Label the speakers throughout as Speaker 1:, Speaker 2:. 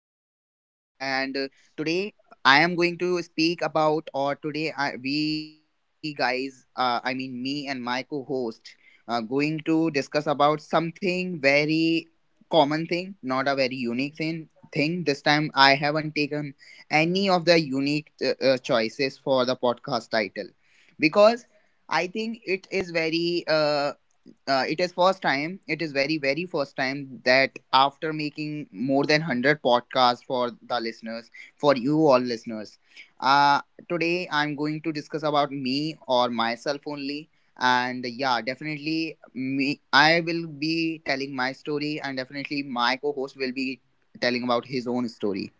Speaker 1: Am your host, and today I am going to speak about, or today I, we guys, I mean me and my co host, going to discuss about something very common thing, not a very unique thing. This time I haven't taken any of the unique choices for the podcast title because I think it is very it is first time it is very very first time that after making more than 100 podcasts for the listeners for you all listeners, uh, today I'm going to discuss about me or myself only. And yeah, definitely me, I will be telling my story, and definitely my co-host will be telling about his own story.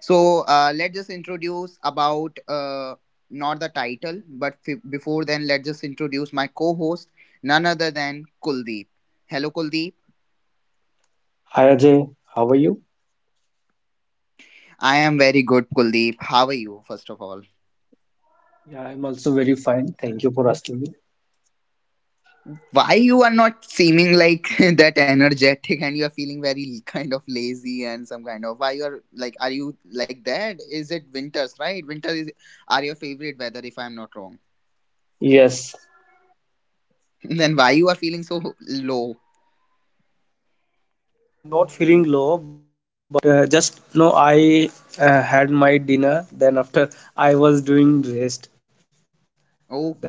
Speaker 1: So let's just introduce about not the title, but before then, let's just introduce my co-host, none other than Kuldeep. Hello, Kuldeep.
Speaker 2: Hi Ajay, how are you?
Speaker 1: I am very good, Kuldeep. How are you, first of all?
Speaker 2: Yeah, I'm also very fine. Thank you for asking me.
Speaker 1: Why you are not seeming like that energetic and you are feeling very kind of lazy and some kind of why you are like are you like that? Is it winters, right? Winter is are your favorite weather if I'm not wrong.
Speaker 2: Yes.
Speaker 1: Then why you are feeling so low?
Speaker 2: Not feeling low, but just no, I had my dinner. Then after I was doing rest.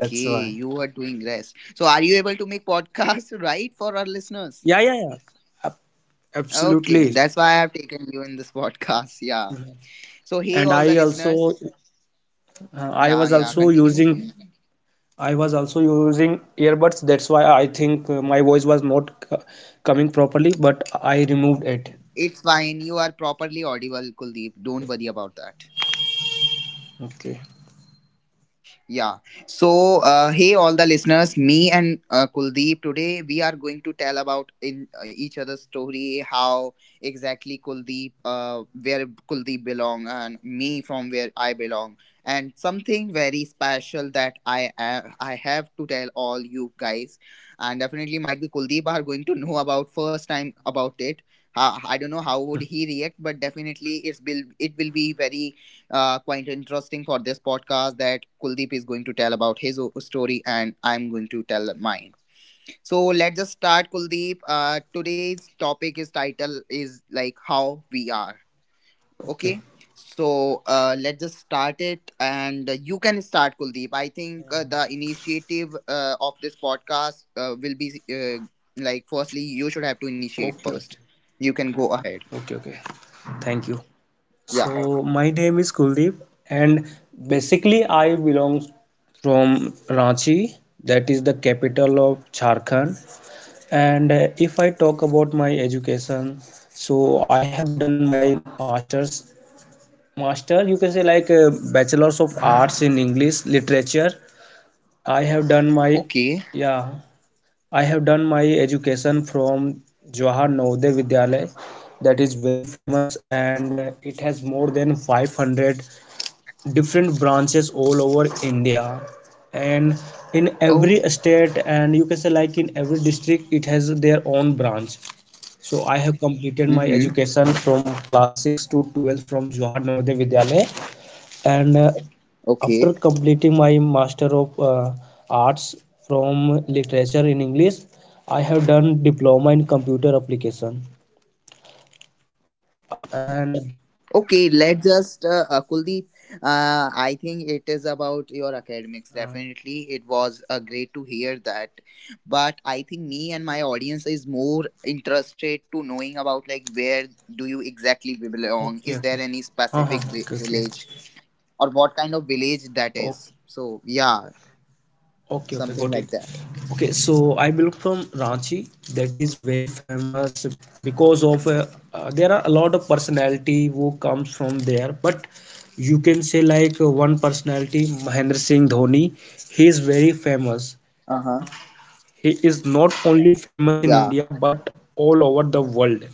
Speaker 2: That's why.
Speaker 1: you are doing rest. So are you able to make podcasts right for our listeners?
Speaker 2: Yeah, yeah, yeah. Ab-
Speaker 1: Okay,
Speaker 2: Absolutely.
Speaker 1: that's why I have taken you in this podcast. Yeah.
Speaker 2: Mhm.
Speaker 1: So
Speaker 2: And
Speaker 1: hey all
Speaker 2: I
Speaker 1: the
Speaker 2: also,
Speaker 1: listeners.
Speaker 2: uh, I
Speaker 1: Yeah,
Speaker 2: was
Speaker 1: yeah,
Speaker 2: also
Speaker 1: continue.
Speaker 2: using, I was also using earbuds. That's why I think my voice was not c coming properly. But I removed
Speaker 1: It's
Speaker 2: it.
Speaker 1: fine. You are properly audible, Kuldeep. Don't worry about that.
Speaker 2: Okay,
Speaker 1: Yeah. So, hey, all the listeners, me and Kuldeep today we are going to tell about in each other's story how exactly Kuldeep, where Kuldeep belong, and me from where I belong, and something very special that I have to tell all you guys, and definitely might be Kuldeep are going to know about first time about it. I don't know how would he react, but definitely it's will it will be very quite interesting for this podcast that Kuldeep is going to tell about his story and I'm going to tell mine. So let's just start, Kuldeep. Today's topic is title is like how we are.
Speaker 2: okay,
Speaker 1: Okay, so let's just start it, and you can start, Kuldeep. I think the initiative of this podcast will be like firstly you should have to initiate
Speaker 2: okay.
Speaker 1: first. You can go ahead.
Speaker 2: Okay, okay. Thank you. So
Speaker 1: Yeah.
Speaker 2: my name is Kuldeep, and basically I belong from Ranchi, that is the capital of Jharkhand. And if I talk about my education, so I have done my masters, master you can say like bachelor's of arts in English literature. I have done my
Speaker 1: Okay.
Speaker 2: Yeah, I have done my education from Jawahar Navodaya Vidyalaya, that is very famous, and it has more than 500 different branches all over India, and in
Speaker 1: Oh.
Speaker 2: every state and you can say like in every district it has their own branch. So I have completed my
Speaker 1: Mm-hmm.
Speaker 2: education from class 6 to 12 from Jawahar Navodaya Vidyalaya. And after
Speaker 1: Okay.
Speaker 2: completing my master of arts from literature in English, I have done diploma in computer application, and
Speaker 1: Okay, let's just, Kuldeep, I think it is about your academics.
Speaker 2: Uh,
Speaker 1: Definitely, it was great to hear that. But I think me and my audience is more interested to knowing about like where do you exactly belong?
Speaker 2: okay,
Speaker 1: Is there
Speaker 2: okay.
Speaker 1: any
Speaker 2: Huh, huh,
Speaker 1: specific
Speaker 2: okay, okay.
Speaker 1: village or what kind of village that
Speaker 2: O-
Speaker 1: is? So yeah,
Speaker 2: okay, okay,
Speaker 1: something
Speaker 2: got it.
Speaker 1: like that.
Speaker 2: Okay, so I belong from Ranchi, that is very famous because of there are a lot of personality who comes from there. But you can say like one personality, Mahendra Singh Dhoni, he is very famous.
Speaker 1: Uh huh.
Speaker 2: He is not only famous in
Speaker 1: Yeah.
Speaker 2: India but all over the world.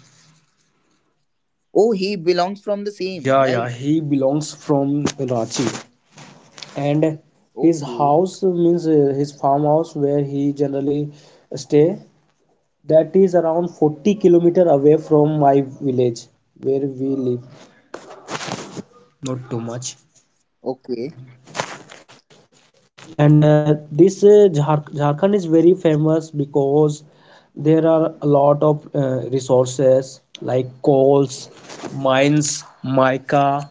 Speaker 1: Oh, he belongs from the same,
Speaker 2: Yeah, yeah,
Speaker 1: right?
Speaker 2: he belongs from Ranchi, and his
Speaker 1: Okay.
Speaker 2: house means his farmhouse where he generally stay. That is around 40 kilometer away from my village where we live. Not too much.
Speaker 1: Okay.
Speaker 2: And this Jharkhand is very famous because there are a lot of resources like coals, mines, mica,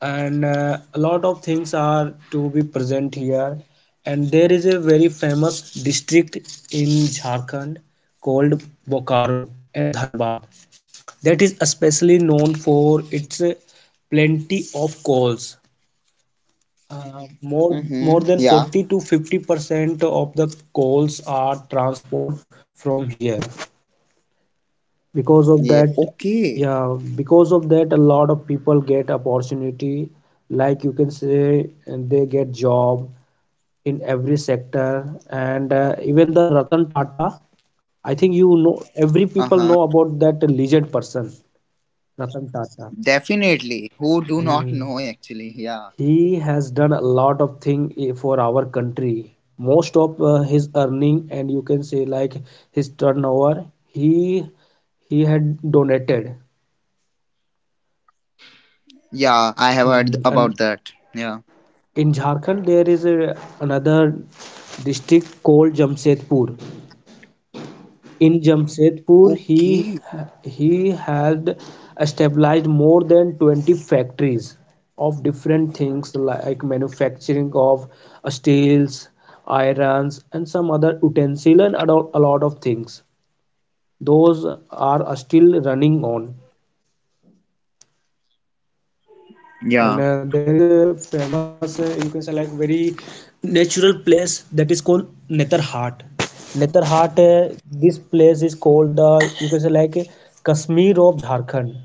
Speaker 2: and a lot of things are to be present here. And there is a very famous district in Jharkhand called Bokaro and Dhanbad, that is especially known for its plenty of coals, more
Speaker 1: Mm-hmm.
Speaker 2: than
Speaker 1: Yeah.
Speaker 2: 40 to 50% of the coals are transport from here because of
Speaker 1: Yeah.
Speaker 2: that.
Speaker 1: Okay.
Speaker 2: Yeah, because of that a lot of people get opportunity, like you can say, and they get job in every sector. And even the Ratan Tata, I think you know every people
Speaker 1: Uh-huh.
Speaker 2: know about that legend person Ratan Tata.
Speaker 1: Definitely. Who do not
Speaker 2: Hmm.
Speaker 1: know actually? Yeah.
Speaker 2: He has done a lot of thing for our country. Most of his earning, and you can say like his turnover, he had donated.
Speaker 1: Yeah, I have heard
Speaker 2: Hmm.
Speaker 1: about
Speaker 2: And
Speaker 1: that. Yeah.
Speaker 2: in Jharkhand, there is another district called Jamshedpur. In Jamshedpur, he
Speaker 1: Okay.
Speaker 2: he had established more than 20 factories of different things, like manufacturing of steels, irons, and some other utensil, and a lot of things. Those are still running on.
Speaker 1: Yeah.
Speaker 2: And there is a famous, you can say like, very natural place that is called Netherhat. Netherhat, this place is called the, you can say like, Kashmir of Jharkhand.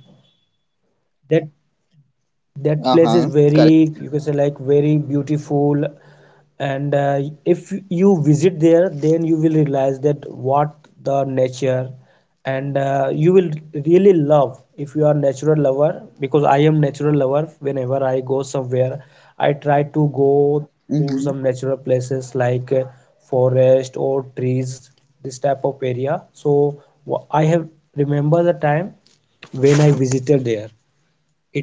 Speaker 2: That
Speaker 1: Uh huh. Correct.
Speaker 2: that place is very, you can say like, very beautiful. And if you visit there then you will realize that what the nature, and you will really love if you are natural lover, because I am natural lover. Whenever I go somewhere I try to go
Speaker 1: Mm-hmm.
Speaker 2: to some natural places like forest or trees, this type of area. So I have remember the time when I visited there.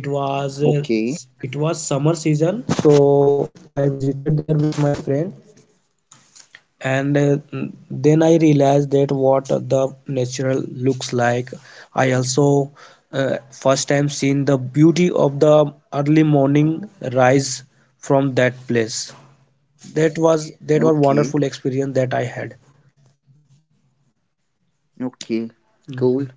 Speaker 2: it was uh,
Speaker 1: Okay.
Speaker 2: it was summer season, so I visited there with my friend. And then I realized that what the natural looks like. I also first time seen the beauty of the early morning rise from that place. That was
Speaker 1: Okay.
Speaker 2: wonderful experience that I had.
Speaker 1: Okay.
Speaker 2: Mm.
Speaker 1: Cool.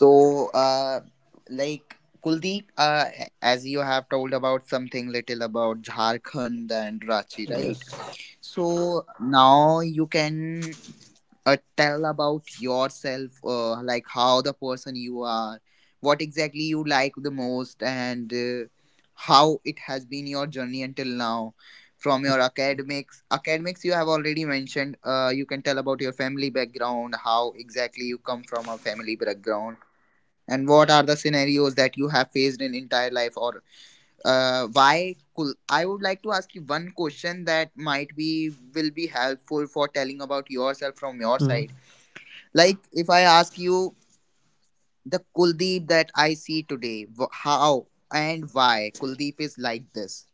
Speaker 1: So, like Kuldeep, as you have told about something little about Jharkhand and Ranchi, right?
Speaker 2: Yes.
Speaker 1: So now you can tell about yourself, like how the person you are, what exactly you like the most, and how it has been your journey until now. From your academics, academics you have already mentioned. You can tell about your family background, how exactly you come from a family background, and what are the scenarios that you have faced in entire life or why cool, I would like to ask you one question that might be will be helpful for telling about yourself from your
Speaker 2: Mm.
Speaker 1: side. Like if I ask you the Kuldeep that I see today, how and why Kuldeep is like this,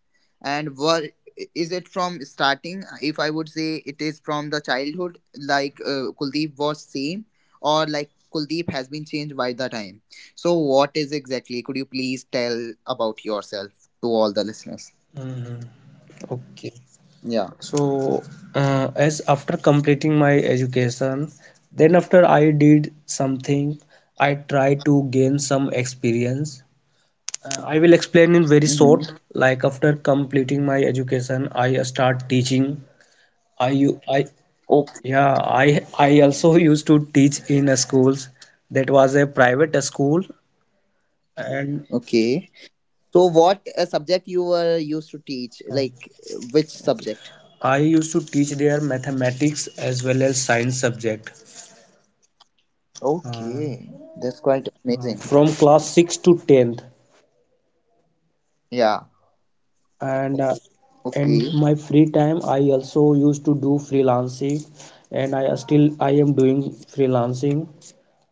Speaker 1: and what is it from starting, if I would say it is from the childhood, like Kuldeep was same or like Kuldeep has been changed by the time. So what is exactly, could you please tell about yourself to all the listeners?
Speaker 2: Mm. Okay.
Speaker 1: Yeah.
Speaker 2: So, as after completing my education, then after I did something, I tried to gain some experience. I will explain in very
Speaker 1: Hmm.
Speaker 2: short. Like after completing my education, I start teaching. I
Speaker 1: Okay.
Speaker 2: yeah I also used to teach in a schools. That was a private school, and
Speaker 1: Okay. So, what subject you were used to teach?
Speaker 2: uh,
Speaker 1: Like, which
Speaker 2: okay,
Speaker 1: subject?
Speaker 2: I used to teach their mathematics as well as science subject uh,
Speaker 1: Okay, that's quite amazing.
Speaker 2: from class 6 to 10th.
Speaker 1: Yeah.
Speaker 2: And in
Speaker 1: Okay.
Speaker 2: my free time, I also used to do freelancing, and I still I am doing freelancing.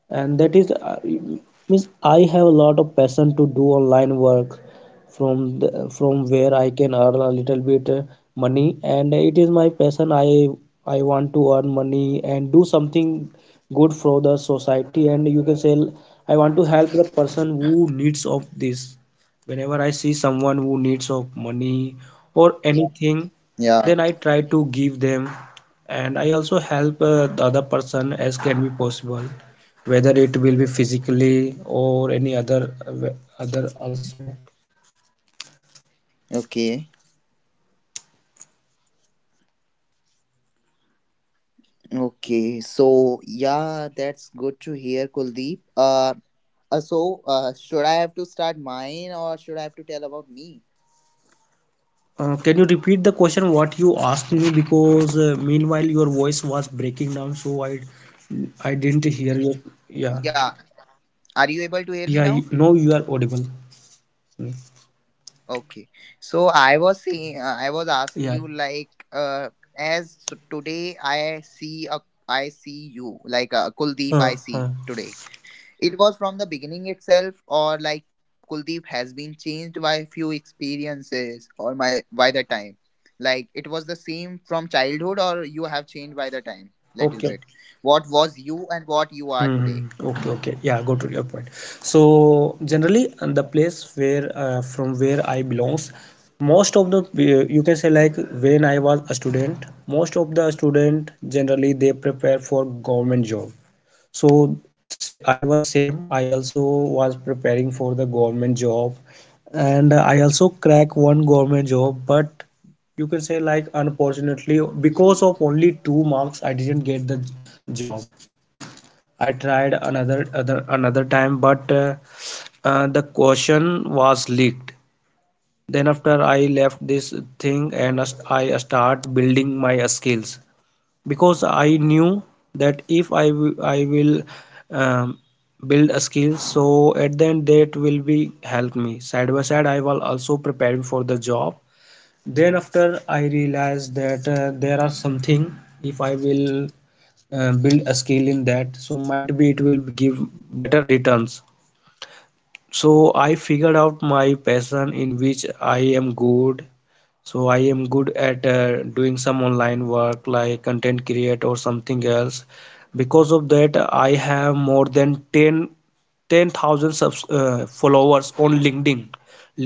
Speaker 2: And that is means I have a lot of passion to do online work, from where I can earn a little bit money. And it is my passion. I want to earn money and do something good for the society. And you can say I want to help the person who needs of this. Whenever I see someone who needs of money or anything, then
Speaker 1: Yeah.
Speaker 2: I try to give them. And I also help the other person as can be possible, whether it will be physically or any other also.
Speaker 1: Okay. Okay. So, yeah, that's good to hear, Kuldeep. Should I have to start mine or should I have to tell about me?
Speaker 2: Can you repeat the question what you asked me? Because meanwhile your voice was breaking down, so I didn't hear your. Yeah
Speaker 1: Yeah. Are you able to hear
Speaker 2: yeah.
Speaker 1: me now?
Speaker 2: Now you are audible.
Speaker 1: Okay. So I was saying, I was asking
Speaker 2: Yeah.
Speaker 1: you like, as today I see a, I see you like Kuldeep.
Speaker 2: uh,
Speaker 1: I
Speaker 2: uh.
Speaker 1: see today. It was from the beginning itself, or like Kuldeep has been changed by few experiences, or my by the time, like it was the same from childhood, or you have changed by the time
Speaker 2: Okay.
Speaker 1: little bit. What was you and what you are
Speaker 2: Hmm.
Speaker 1: today?
Speaker 2: Okay, okay. Yeah, go to your point. So generally, and the
Speaker 1: Yeah.
Speaker 2: place where from where I belongs, most of the, you can say like, when I was a student, most of the student generally they prepare for government job. So say I was same. I also was preparing for the government job, and I also crack one government job, but you can say like unfortunately because
Speaker 1: Okay.
Speaker 2: of only two marks I didn't get the job. I tried another time, but the question was leaked. Then after I left this thing and I start building my skills, because I knew that if I will um, build a skill, so at the end that will be help me. Side by side, I was also preparing for the job. Then after I realized that there are something, if I will build a skill in that, so might be it will give better returns. So I figured out my passion in which I am good. So I am good at doing some online work like content create or something else. Because of that I have more than 10 10,000 subs, followers on LinkedIn.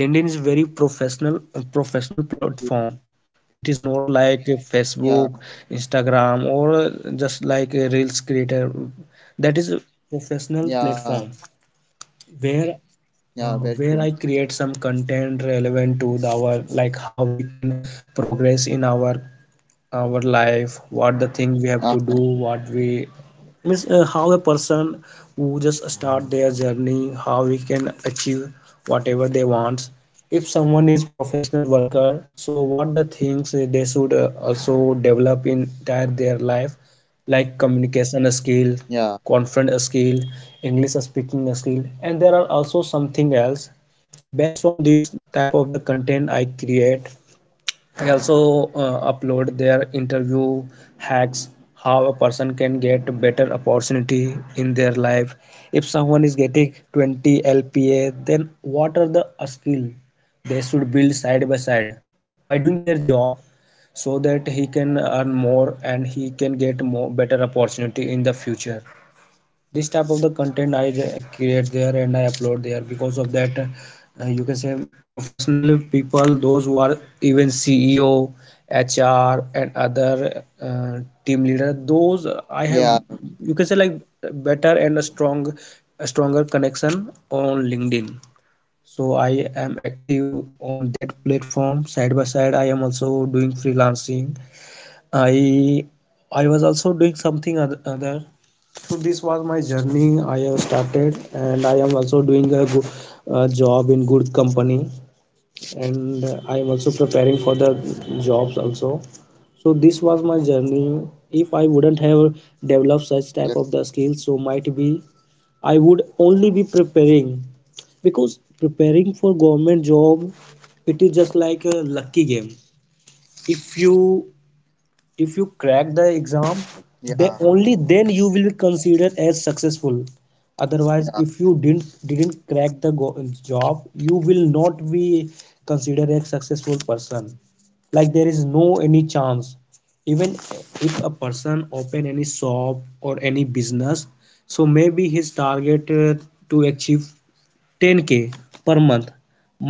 Speaker 2: LinkedIn is very professional, professional platform. It is not like
Speaker 1: Yeah.
Speaker 2: Facebook, Instagram, or just like a Reels creator. That is a professional
Speaker 1: Yeah.
Speaker 2: platform where
Speaker 1: Yeah. Very true.
Speaker 2: where I create some content relevant to the our, like how we can progress in our life, what the thing we
Speaker 1: Uh,
Speaker 2: have to do, what we means. How a person who just start their journey, how we can achieve whatever they want. If someone is professional worker, so what the things they should also develop in entire their life, like communication skill,
Speaker 1: yeah.
Speaker 2: conference skill, English speaking skill, and there are also something else. Based on this type of the content I create, I also upload their interview hacks, how a person can get better opportunity in their life. If someone is getting 20 LPA, then what are the skill they should build side by side by doing their job, so that he can earn more and he can get more better opportunity in the future. This type of the content I create there and I upload there. Because of that, you can say professional people, those who are even CEO, HR, and other, team leader, those
Speaker 1: Yeah.
Speaker 2: I have, you can say like, better and a stronger connection on LinkedIn. So I am active on that platform. Side by side, I am also doing freelancing. I i was
Speaker 1: Okay.
Speaker 2: also doing something other. So this was my journey. I have started, and I am also doing a good job in good company. And I am also preparing for the jobs also. So this was my journey.
Speaker 1: Yeah,
Speaker 2: If I wouldn't have developed such type of the skills, so might be I would only be preparing. Because preparing for government job, it is just like a lucky game. if you
Speaker 1: yeah,
Speaker 2: if you crack the exam, they only then you will be considered as successful. Otherwise if you didn't
Speaker 1: yeah.
Speaker 2: didn't crack the job, you will not be considered a successful person, like there is no any chance. Even if a person open any shop or any business, so maybe his target, to achieve 10K per month.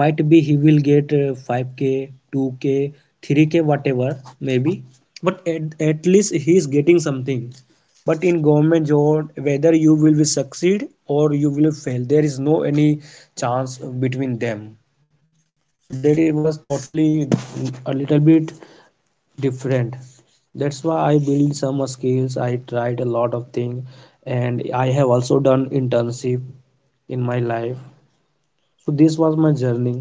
Speaker 2: Might be he will get 5K, 2K, 3K, whatever, maybe. But at least he is getting something. But in government job, whether you will be succeed or you will fail, there is no any chance between them. So that it was totally a little bit different. That's why I build some skills. I tried a lot of things, and I have also done internship in my life. So this was my journey.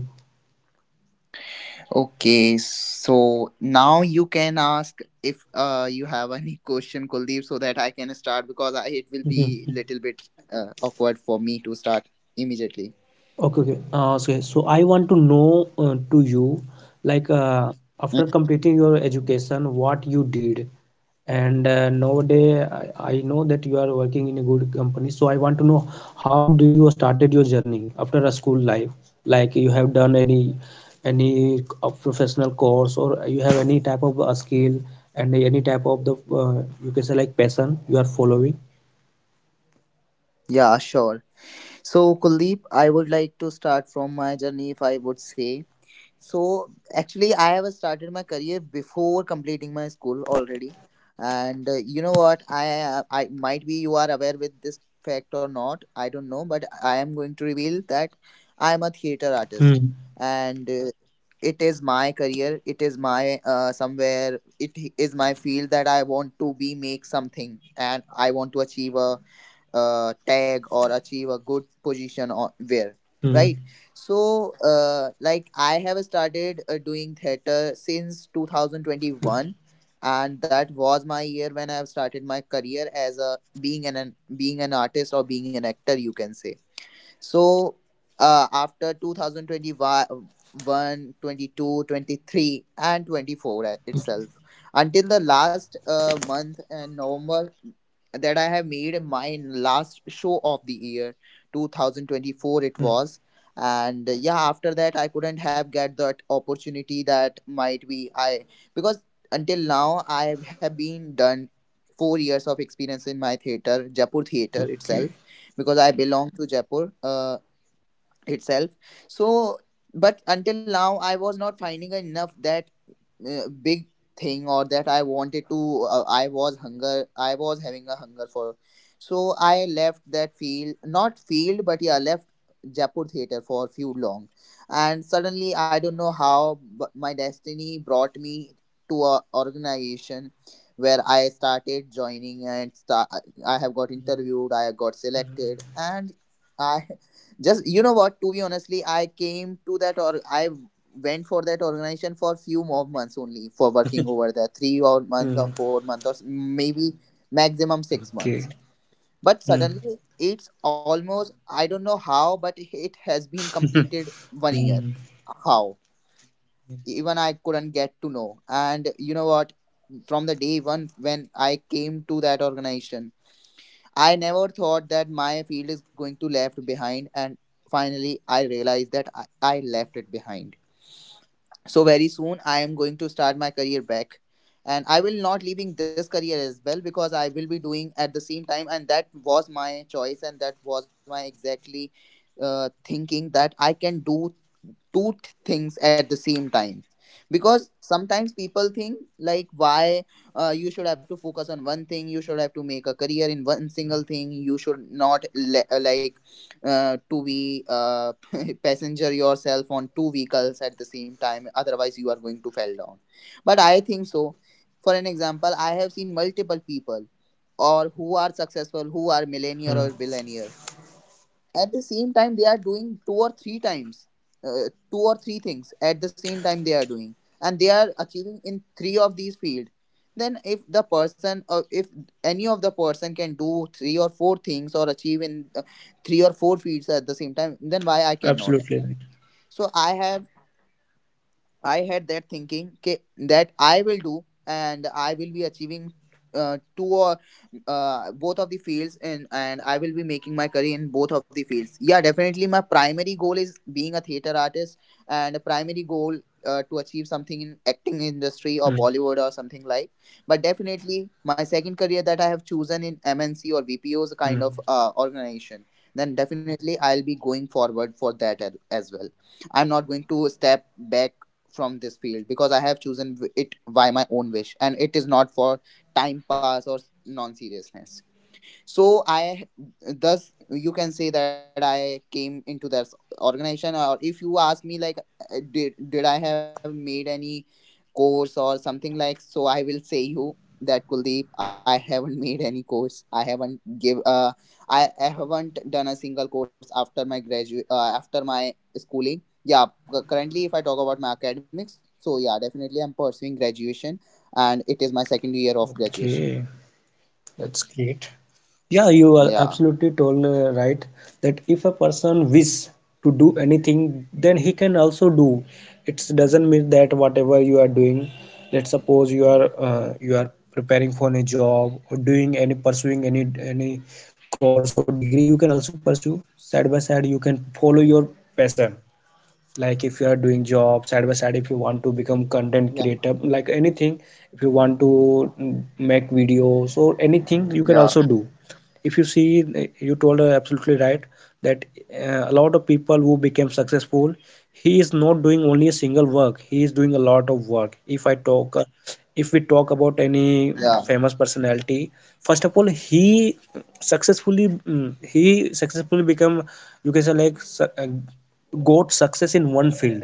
Speaker 1: Okay, so now you can ask if you have any question, Kuldeep, so that I can start because I, it will be
Speaker 2: Mhm.
Speaker 1: little bit awkward for me to start immediately.
Speaker 2: Okay. So I want to know to you, like after
Speaker 1: Mhm.
Speaker 2: completing your education what you did. And nowadays I know that you are working in a good company, so I want to know how did you started your journey after a school life. Like, you have done any any professional course, or you have any type of skill and any type of the you can say like passion you are following.
Speaker 1: Yeah, sure. So, Kuldeep, I would like to start from my journey, if I would say. So actually, I have started my career before completing my school already, and you know what? I might be you are aware with this fact or not. I don't know, but I am going to reveal that I am a theater
Speaker 2: Hmm.
Speaker 1: artist, and it is my career. It is my somewhere. It is my field that I want to be make something, and I want to achieve a tag or achieve a good position or where
Speaker 2: Hmm.
Speaker 1: right. So like I have started doing theater since 2021, and that was my year when I have started my career as a being an being an artist or being an actor you can say. So after 2021, 22, 23, and 24 itself, until the last month in November, that I have made my last show of the year, 2024 it
Speaker 2: Hmm.
Speaker 1: was. And yeah, after that I couldn't have get that opportunity that might be I, because until now I have been done 4 years of experience in my theater, Jaipur theater
Speaker 2: Okay.
Speaker 1: itself, because I belong to Jaipur itself. So, but until now, I was not finding enough that big thing or that I wanted to, I was hunger, I was having a hunger for. So I left that field, not field, but yeah, left Jaipur theater for few long, and suddenly I don't know how, but my destiny brought me to a organization where I started joining and I have got interviewed, I got selected, and I, just you know what, to be honestly, I came to that, or I went for that organization for few more months only, for working over there three or month or
Speaker 2: Mm.
Speaker 1: 4 months or maybe maximum six
Speaker 2: Okay.
Speaker 1: months But
Speaker 2: Mm.
Speaker 1: suddenly it's almost, I don't know how, but it has been completed one year.
Speaker 2: Mm.
Speaker 1: How, even I couldn't get to know. And you know what, from the day one when I came to that organization, I never thought that my field is going to left behind, and finally I realized that I left it behind. So very soon I am going to start my career back, and I will not leaving this career as well because I will be doing at the same time, and that was my choice, and that was my exactly thinking that I can do two things at the same time. Because sometimes people think like why you should have to focus on one thing, you should have to make a career in one single thing, you should not like to be passenger yourself on two vehicles at the same time, otherwise you are going to fall down. But I think so, for an example, I have seen multiple people or who are successful, who are millionaire
Speaker 2: Mm.
Speaker 1: or billionaire, at the same time they are doing two or three times, two or three things at the same time they are doing, and they are achieving in three of these fields. Then if the person, or if any of the person can do three or four things or achieve in three or four fields at the same time, then why I cannot?
Speaker 2: Absolutely right.
Speaker 1: So I had that thinking ke, that I will do and I will be achieving two or both of the fields, and I will be making my career in both of the fields. Yeah, definitely my primary goal is being a theater artist, and a primary goal to achieve something in acting industry or
Speaker 2: Mm.
Speaker 1: Bollywood or something like. But definitely my second career that I have chosen in MNC or VPO's kind
Speaker 2: Mm.
Speaker 1: of organization, then definitely I'll be going forward for that as well. I'm not going to step back from this field because I have chosen it by my own wish and it is not for time pass or non seriousness. So i thus you can say that I came into that organization. Or if you ask me like did I have made any course or something like, so I will say you that Kuldeep, I haven't made any course. I haven't give I haven't done a single course after my graduate, after my schooling. Yeah, currently if I talk about my academics, so yeah, definitely I'm pursuing graduation, and it is my second year of graduation.
Speaker 2: Okay, that's great. Yeah,
Speaker 1: yeah
Speaker 2: you are absolutely told right that if a person wish to do anything, then he can also do. It doesn't mean that whatever you are doing, let's suppose you are you are preparing for a job or doing any pursuing any course or degree, you can also pursue side by side. You can follow your passion. Like if you are doing job side by side, if you want to
Speaker 1: yeah
Speaker 2: become content creator, like anything. If you want to make
Speaker 1: yeah
Speaker 2: videos or anything, you can also do. If you see you told her absolutely right that a lot of people who became successful, he is not doing only a single work, he is doing a lot of work. If I talk if we
Speaker 1: yeah
Speaker 2: talk about any famous personality, first of all he he successfully become, you can say like got success in one field.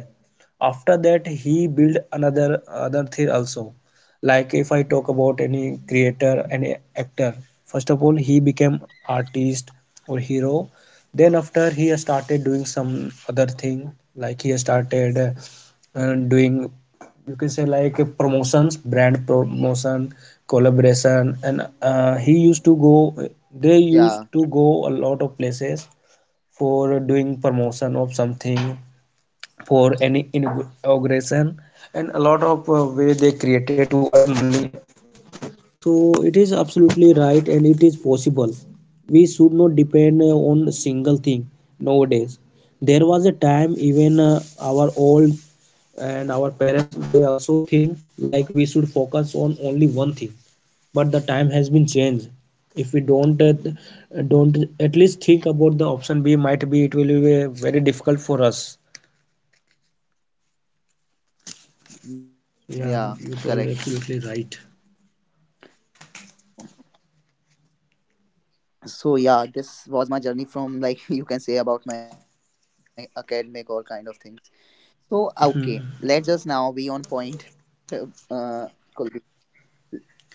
Speaker 2: After that he build another other thing also.
Speaker 1: yeah
Speaker 2: Like if I talk about any creator, any actor, first of all he became artist or hero. Then after he started doing some other thing, like he started doing, you can say like promotions, brand promotion, collaboration, and he used to go they
Speaker 1: yeah
Speaker 2: used to go a lot of places for doing promotion of something, for any inauguration. And a lot of way they created to earn money. So it is absolutely right and it is possible. We should not depend on a single thing nowadays. There was a time even our old and our parents, they also think like we should focus on only one thing. But the time has been changed. If we don't at least think about the option B, might be it will be very difficult for us. Yeah,
Speaker 1: yeah
Speaker 2: you told
Speaker 1: Correct.
Speaker 2: absolutely right.
Speaker 1: So yeah, this was my journey from, like, you can say about my academic or kind of things. So okay, let's just now be on point. uh Kuldeep,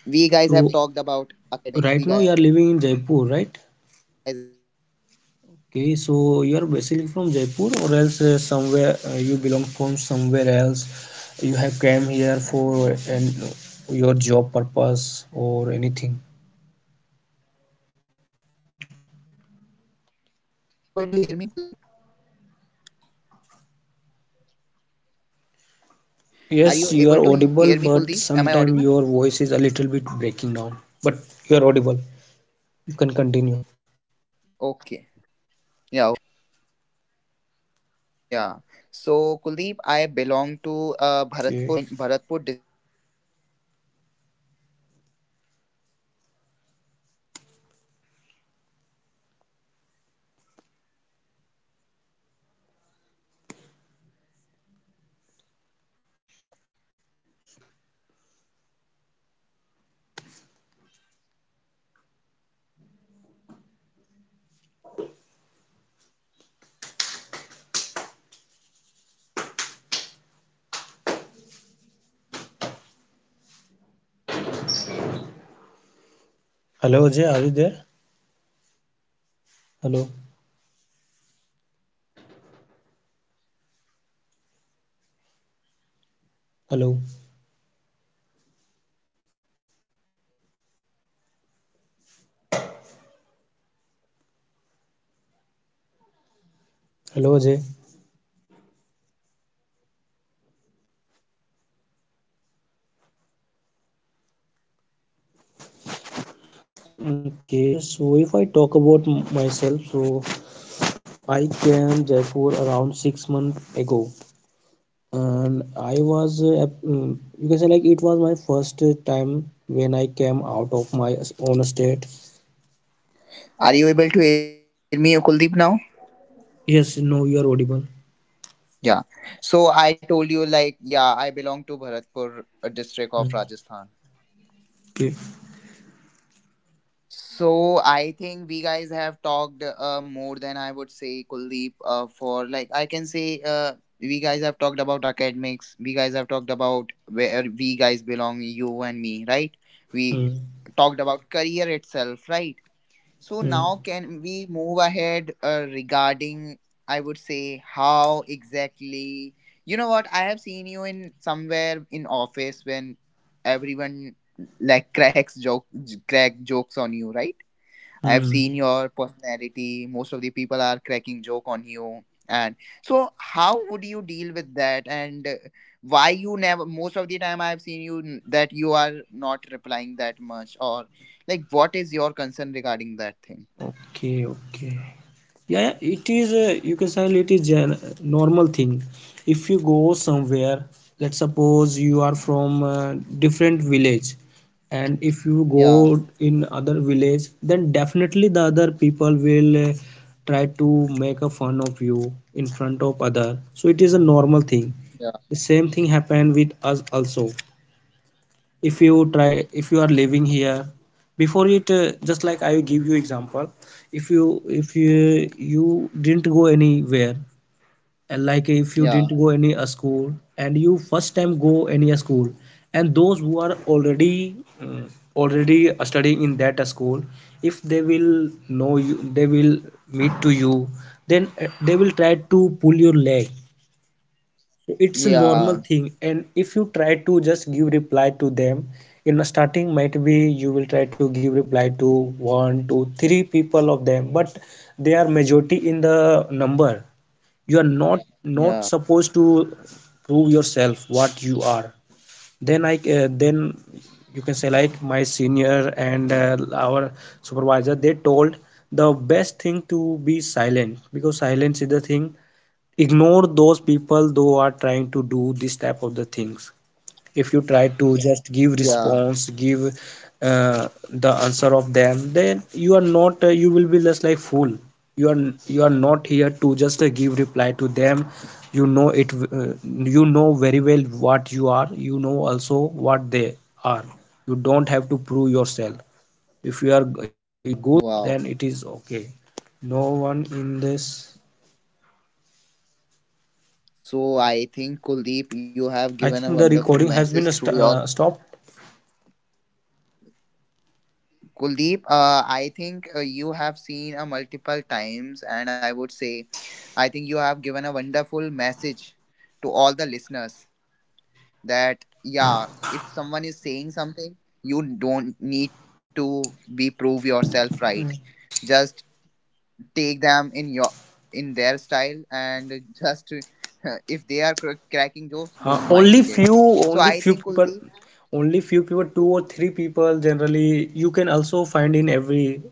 Speaker 1: we guys
Speaker 2: So
Speaker 1: have talked about
Speaker 2: right now
Speaker 1: academics,
Speaker 2: you are
Speaker 1: we guys
Speaker 2: living
Speaker 1: have
Speaker 2: in
Speaker 1: talked
Speaker 2: Jaipur,
Speaker 1: about
Speaker 2: right?
Speaker 1: career, we guys have talked talked about journey.
Speaker 2: Okay, so you are basically from Jaipur, or
Speaker 1: Yes.
Speaker 2: else somewhere you belong from somewhere else. You have came here for
Speaker 1: i
Speaker 2: an
Speaker 1: belong i
Speaker 2: your
Speaker 1: belong
Speaker 2: job
Speaker 1: to, actually,
Speaker 2: purpose or anything.
Speaker 1: yeah. Eh, are you able to hear me, Kuldeep?
Speaker 2: Yes,
Speaker 1: Are
Speaker 2: you
Speaker 1: you
Speaker 2: are
Speaker 1: able to
Speaker 2: audible,
Speaker 1: hear me,
Speaker 2: but
Speaker 1: Kuldeep? Am I
Speaker 2: sometimes
Speaker 1: audible?
Speaker 2: your voice is a little bit breaking down. But you are audible. You can continue.
Speaker 1: Okay. Yeah, okay. Yeah. So Kuldeep, I belong to
Speaker 2: Okay.
Speaker 1: Bharatpur district of Rajasthan state itself, and yeah, so I belong to Bharatpur, Rajasthan. So that is my thing. So if I talk about myself, so it has been very like very very long journey. Then I shifted from Bharatpur to Jaipur itself, and somewhere this was a journey where I couldn't get in a very
Speaker 2: Hello Ajay,
Speaker 1: easier
Speaker 2: are you
Speaker 1: way.
Speaker 2: there?
Speaker 1: So this
Speaker 2: Hello.
Speaker 1: was something like this only.
Speaker 2: Hello. Hello Ajay. Okay, so if I talk about myself, so I came Jaipur around 6 months ago, and I was you can say like it was my first time when I came out of my own state.
Speaker 1: Are you able to hear me, Kuldeep, now?
Speaker 2: Yes, no, you are audible.
Speaker 1: Yeah. So I told you, like, yeah, I belong to Bharatpur district
Speaker 2: Hmm.
Speaker 1: of Rajasthan.
Speaker 2: Okay.
Speaker 1: So I think we guys have talked more than I would say, Kuldeep, for like, I can say, we guys have talked about academics, we guys have talked about where we guys belong, you and me, right?
Speaker 2: Hmm.
Speaker 1: We talked about career itself, right? So
Speaker 2: Hmm.
Speaker 1: now can we move ahead regarding, I would say, how exactly, you know, what I have seen you in somewhere in office when everyone, like, crack jokes on you, right? I have
Speaker 2: Hmm.
Speaker 1: seen your personality. Most of the people are cracking joke on you, and so how would you deal with that, and why you never, most of the time I have seen you that you are not replying that much, or like what is your concern regarding that thing?
Speaker 2: Okay, okay. Yeah, it is you can say it is a normal thing. If you go somewhere, let's suppose you are from different village, and if you go
Speaker 1: Yeah,
Speaker 2: in other village, then definitely the other people will try to make a fun of you in front of other. So it is a normal thing.
Speaker 1: yeah,
Speaker 2: The same thing happened with us also. If you try, if you are living here before it just like I give you example. If you you didn't go anywhere, and like if you
Speaker 1: yeah,
Speaker 2: didn't go any a school, and you first time go any a school, and those who are already already studying in that school, if they will know you, they will meet to you, then they will try to pull your leg. So it's a
Speaker 1: yeah,
Speaker 2: normal thing, and if you try to just give reply to them in the starting, might be you will try to give reply to one two three people of them, but they are majority in the number. You are not
Speaker 1: yeah,
Speaker 2: supposed to prove yourself what you are. Then I then you can say like my senior and our supervisor, they told the best thing to be silent, because silence is the thing. Ignore those people who are trying to do this type of the things. If you try to just give
Speaker 1: yeah.
Speaker 2: response, give the answer of them, then you are not you will be just like fool. You are, you are not here to just give reply to them. You know it. You know very well what you are. You know also what they are. You don't have to.
Speaker 1: Wow. So I think Kuldeep, you have given a wonderful message through your Kuldeep. I think you have seen a multiple times, and I would say, I think you have given a wonderful message to all the listeners that yeah, if someone is saying something, you don't need to be prove yourself right. Just take them in your in their style and just if they are cracking jokes,
Speaker 2: Uh,
Speaker 1: don't
Speaker 2: only
Speaker 1: mind it.
Speaker 2: few,
Speaker 1: So
Speaker 2: only
Speaker 1: I
Speaker 2: few
Speaker 1: think,
Speaker 2: people,
Speaker 1: Kuldeep,
Speaker 2: only few people, two or three people generally you can also find in every.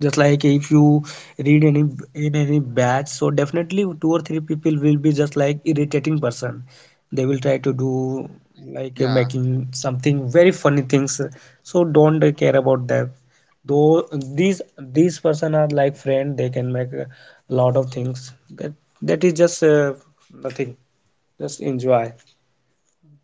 Speaker 2: Just like if you read any, in any batch, so definitely two or three people will be just like irritating person. They will try to do like
Speaker 1: yeah.
Speaker 2: making something very funny things. So don't care about that. Though these person are like friend, they can make a lot of things, that that is just nothing. Just enjoy.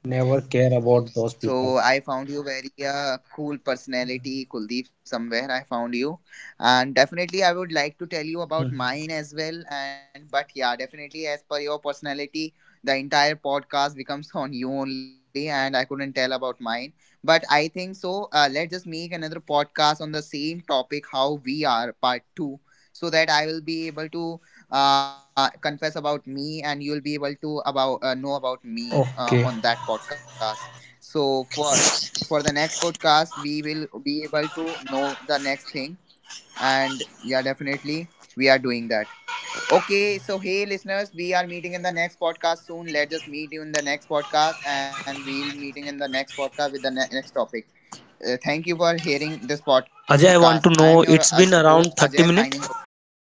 Speaker 2: Never care about those
Speaker 1: So
Speaker 2: people.
Speaker 1: I found you very cool personality, Kuldeep. Somewhere I found you, and definitely I would like to tell you about
Speaker 2: Hmm.
Speaker 1: mine as well. And but yeah, definitely as per your personality, the entire podcast becomes on you only, and I couldn't tell about mine. But I think so. Let's just make another podcast on the same topic, how we are, part two, so that I will be able to confess about me, and you'll be able to about know about me on that
Speaker 2: Okay.
Speaker 1: podcast. So for the next podcast, we will be able to know the next thing, and yeah, definitely we are doing that. Okay, so hey listeners, we are meeting in the next podcast soon. Let us meet you in the next podcast, and we'll meeting in the next podcast with the next topic. Thank you for hearing this podcast. I
Speaker 2: Ajay, I
Speaker 1: am your
Speaker 2: want to know it's
Speaker 1: host
Speaker 2: been
Speaker 1: Ajay,
Speaker 2: around
Speaker 1: signing off
Speaker 2: 30
Speaker 1: this
Speaker 2: minutes.
Speaker 1: podcast.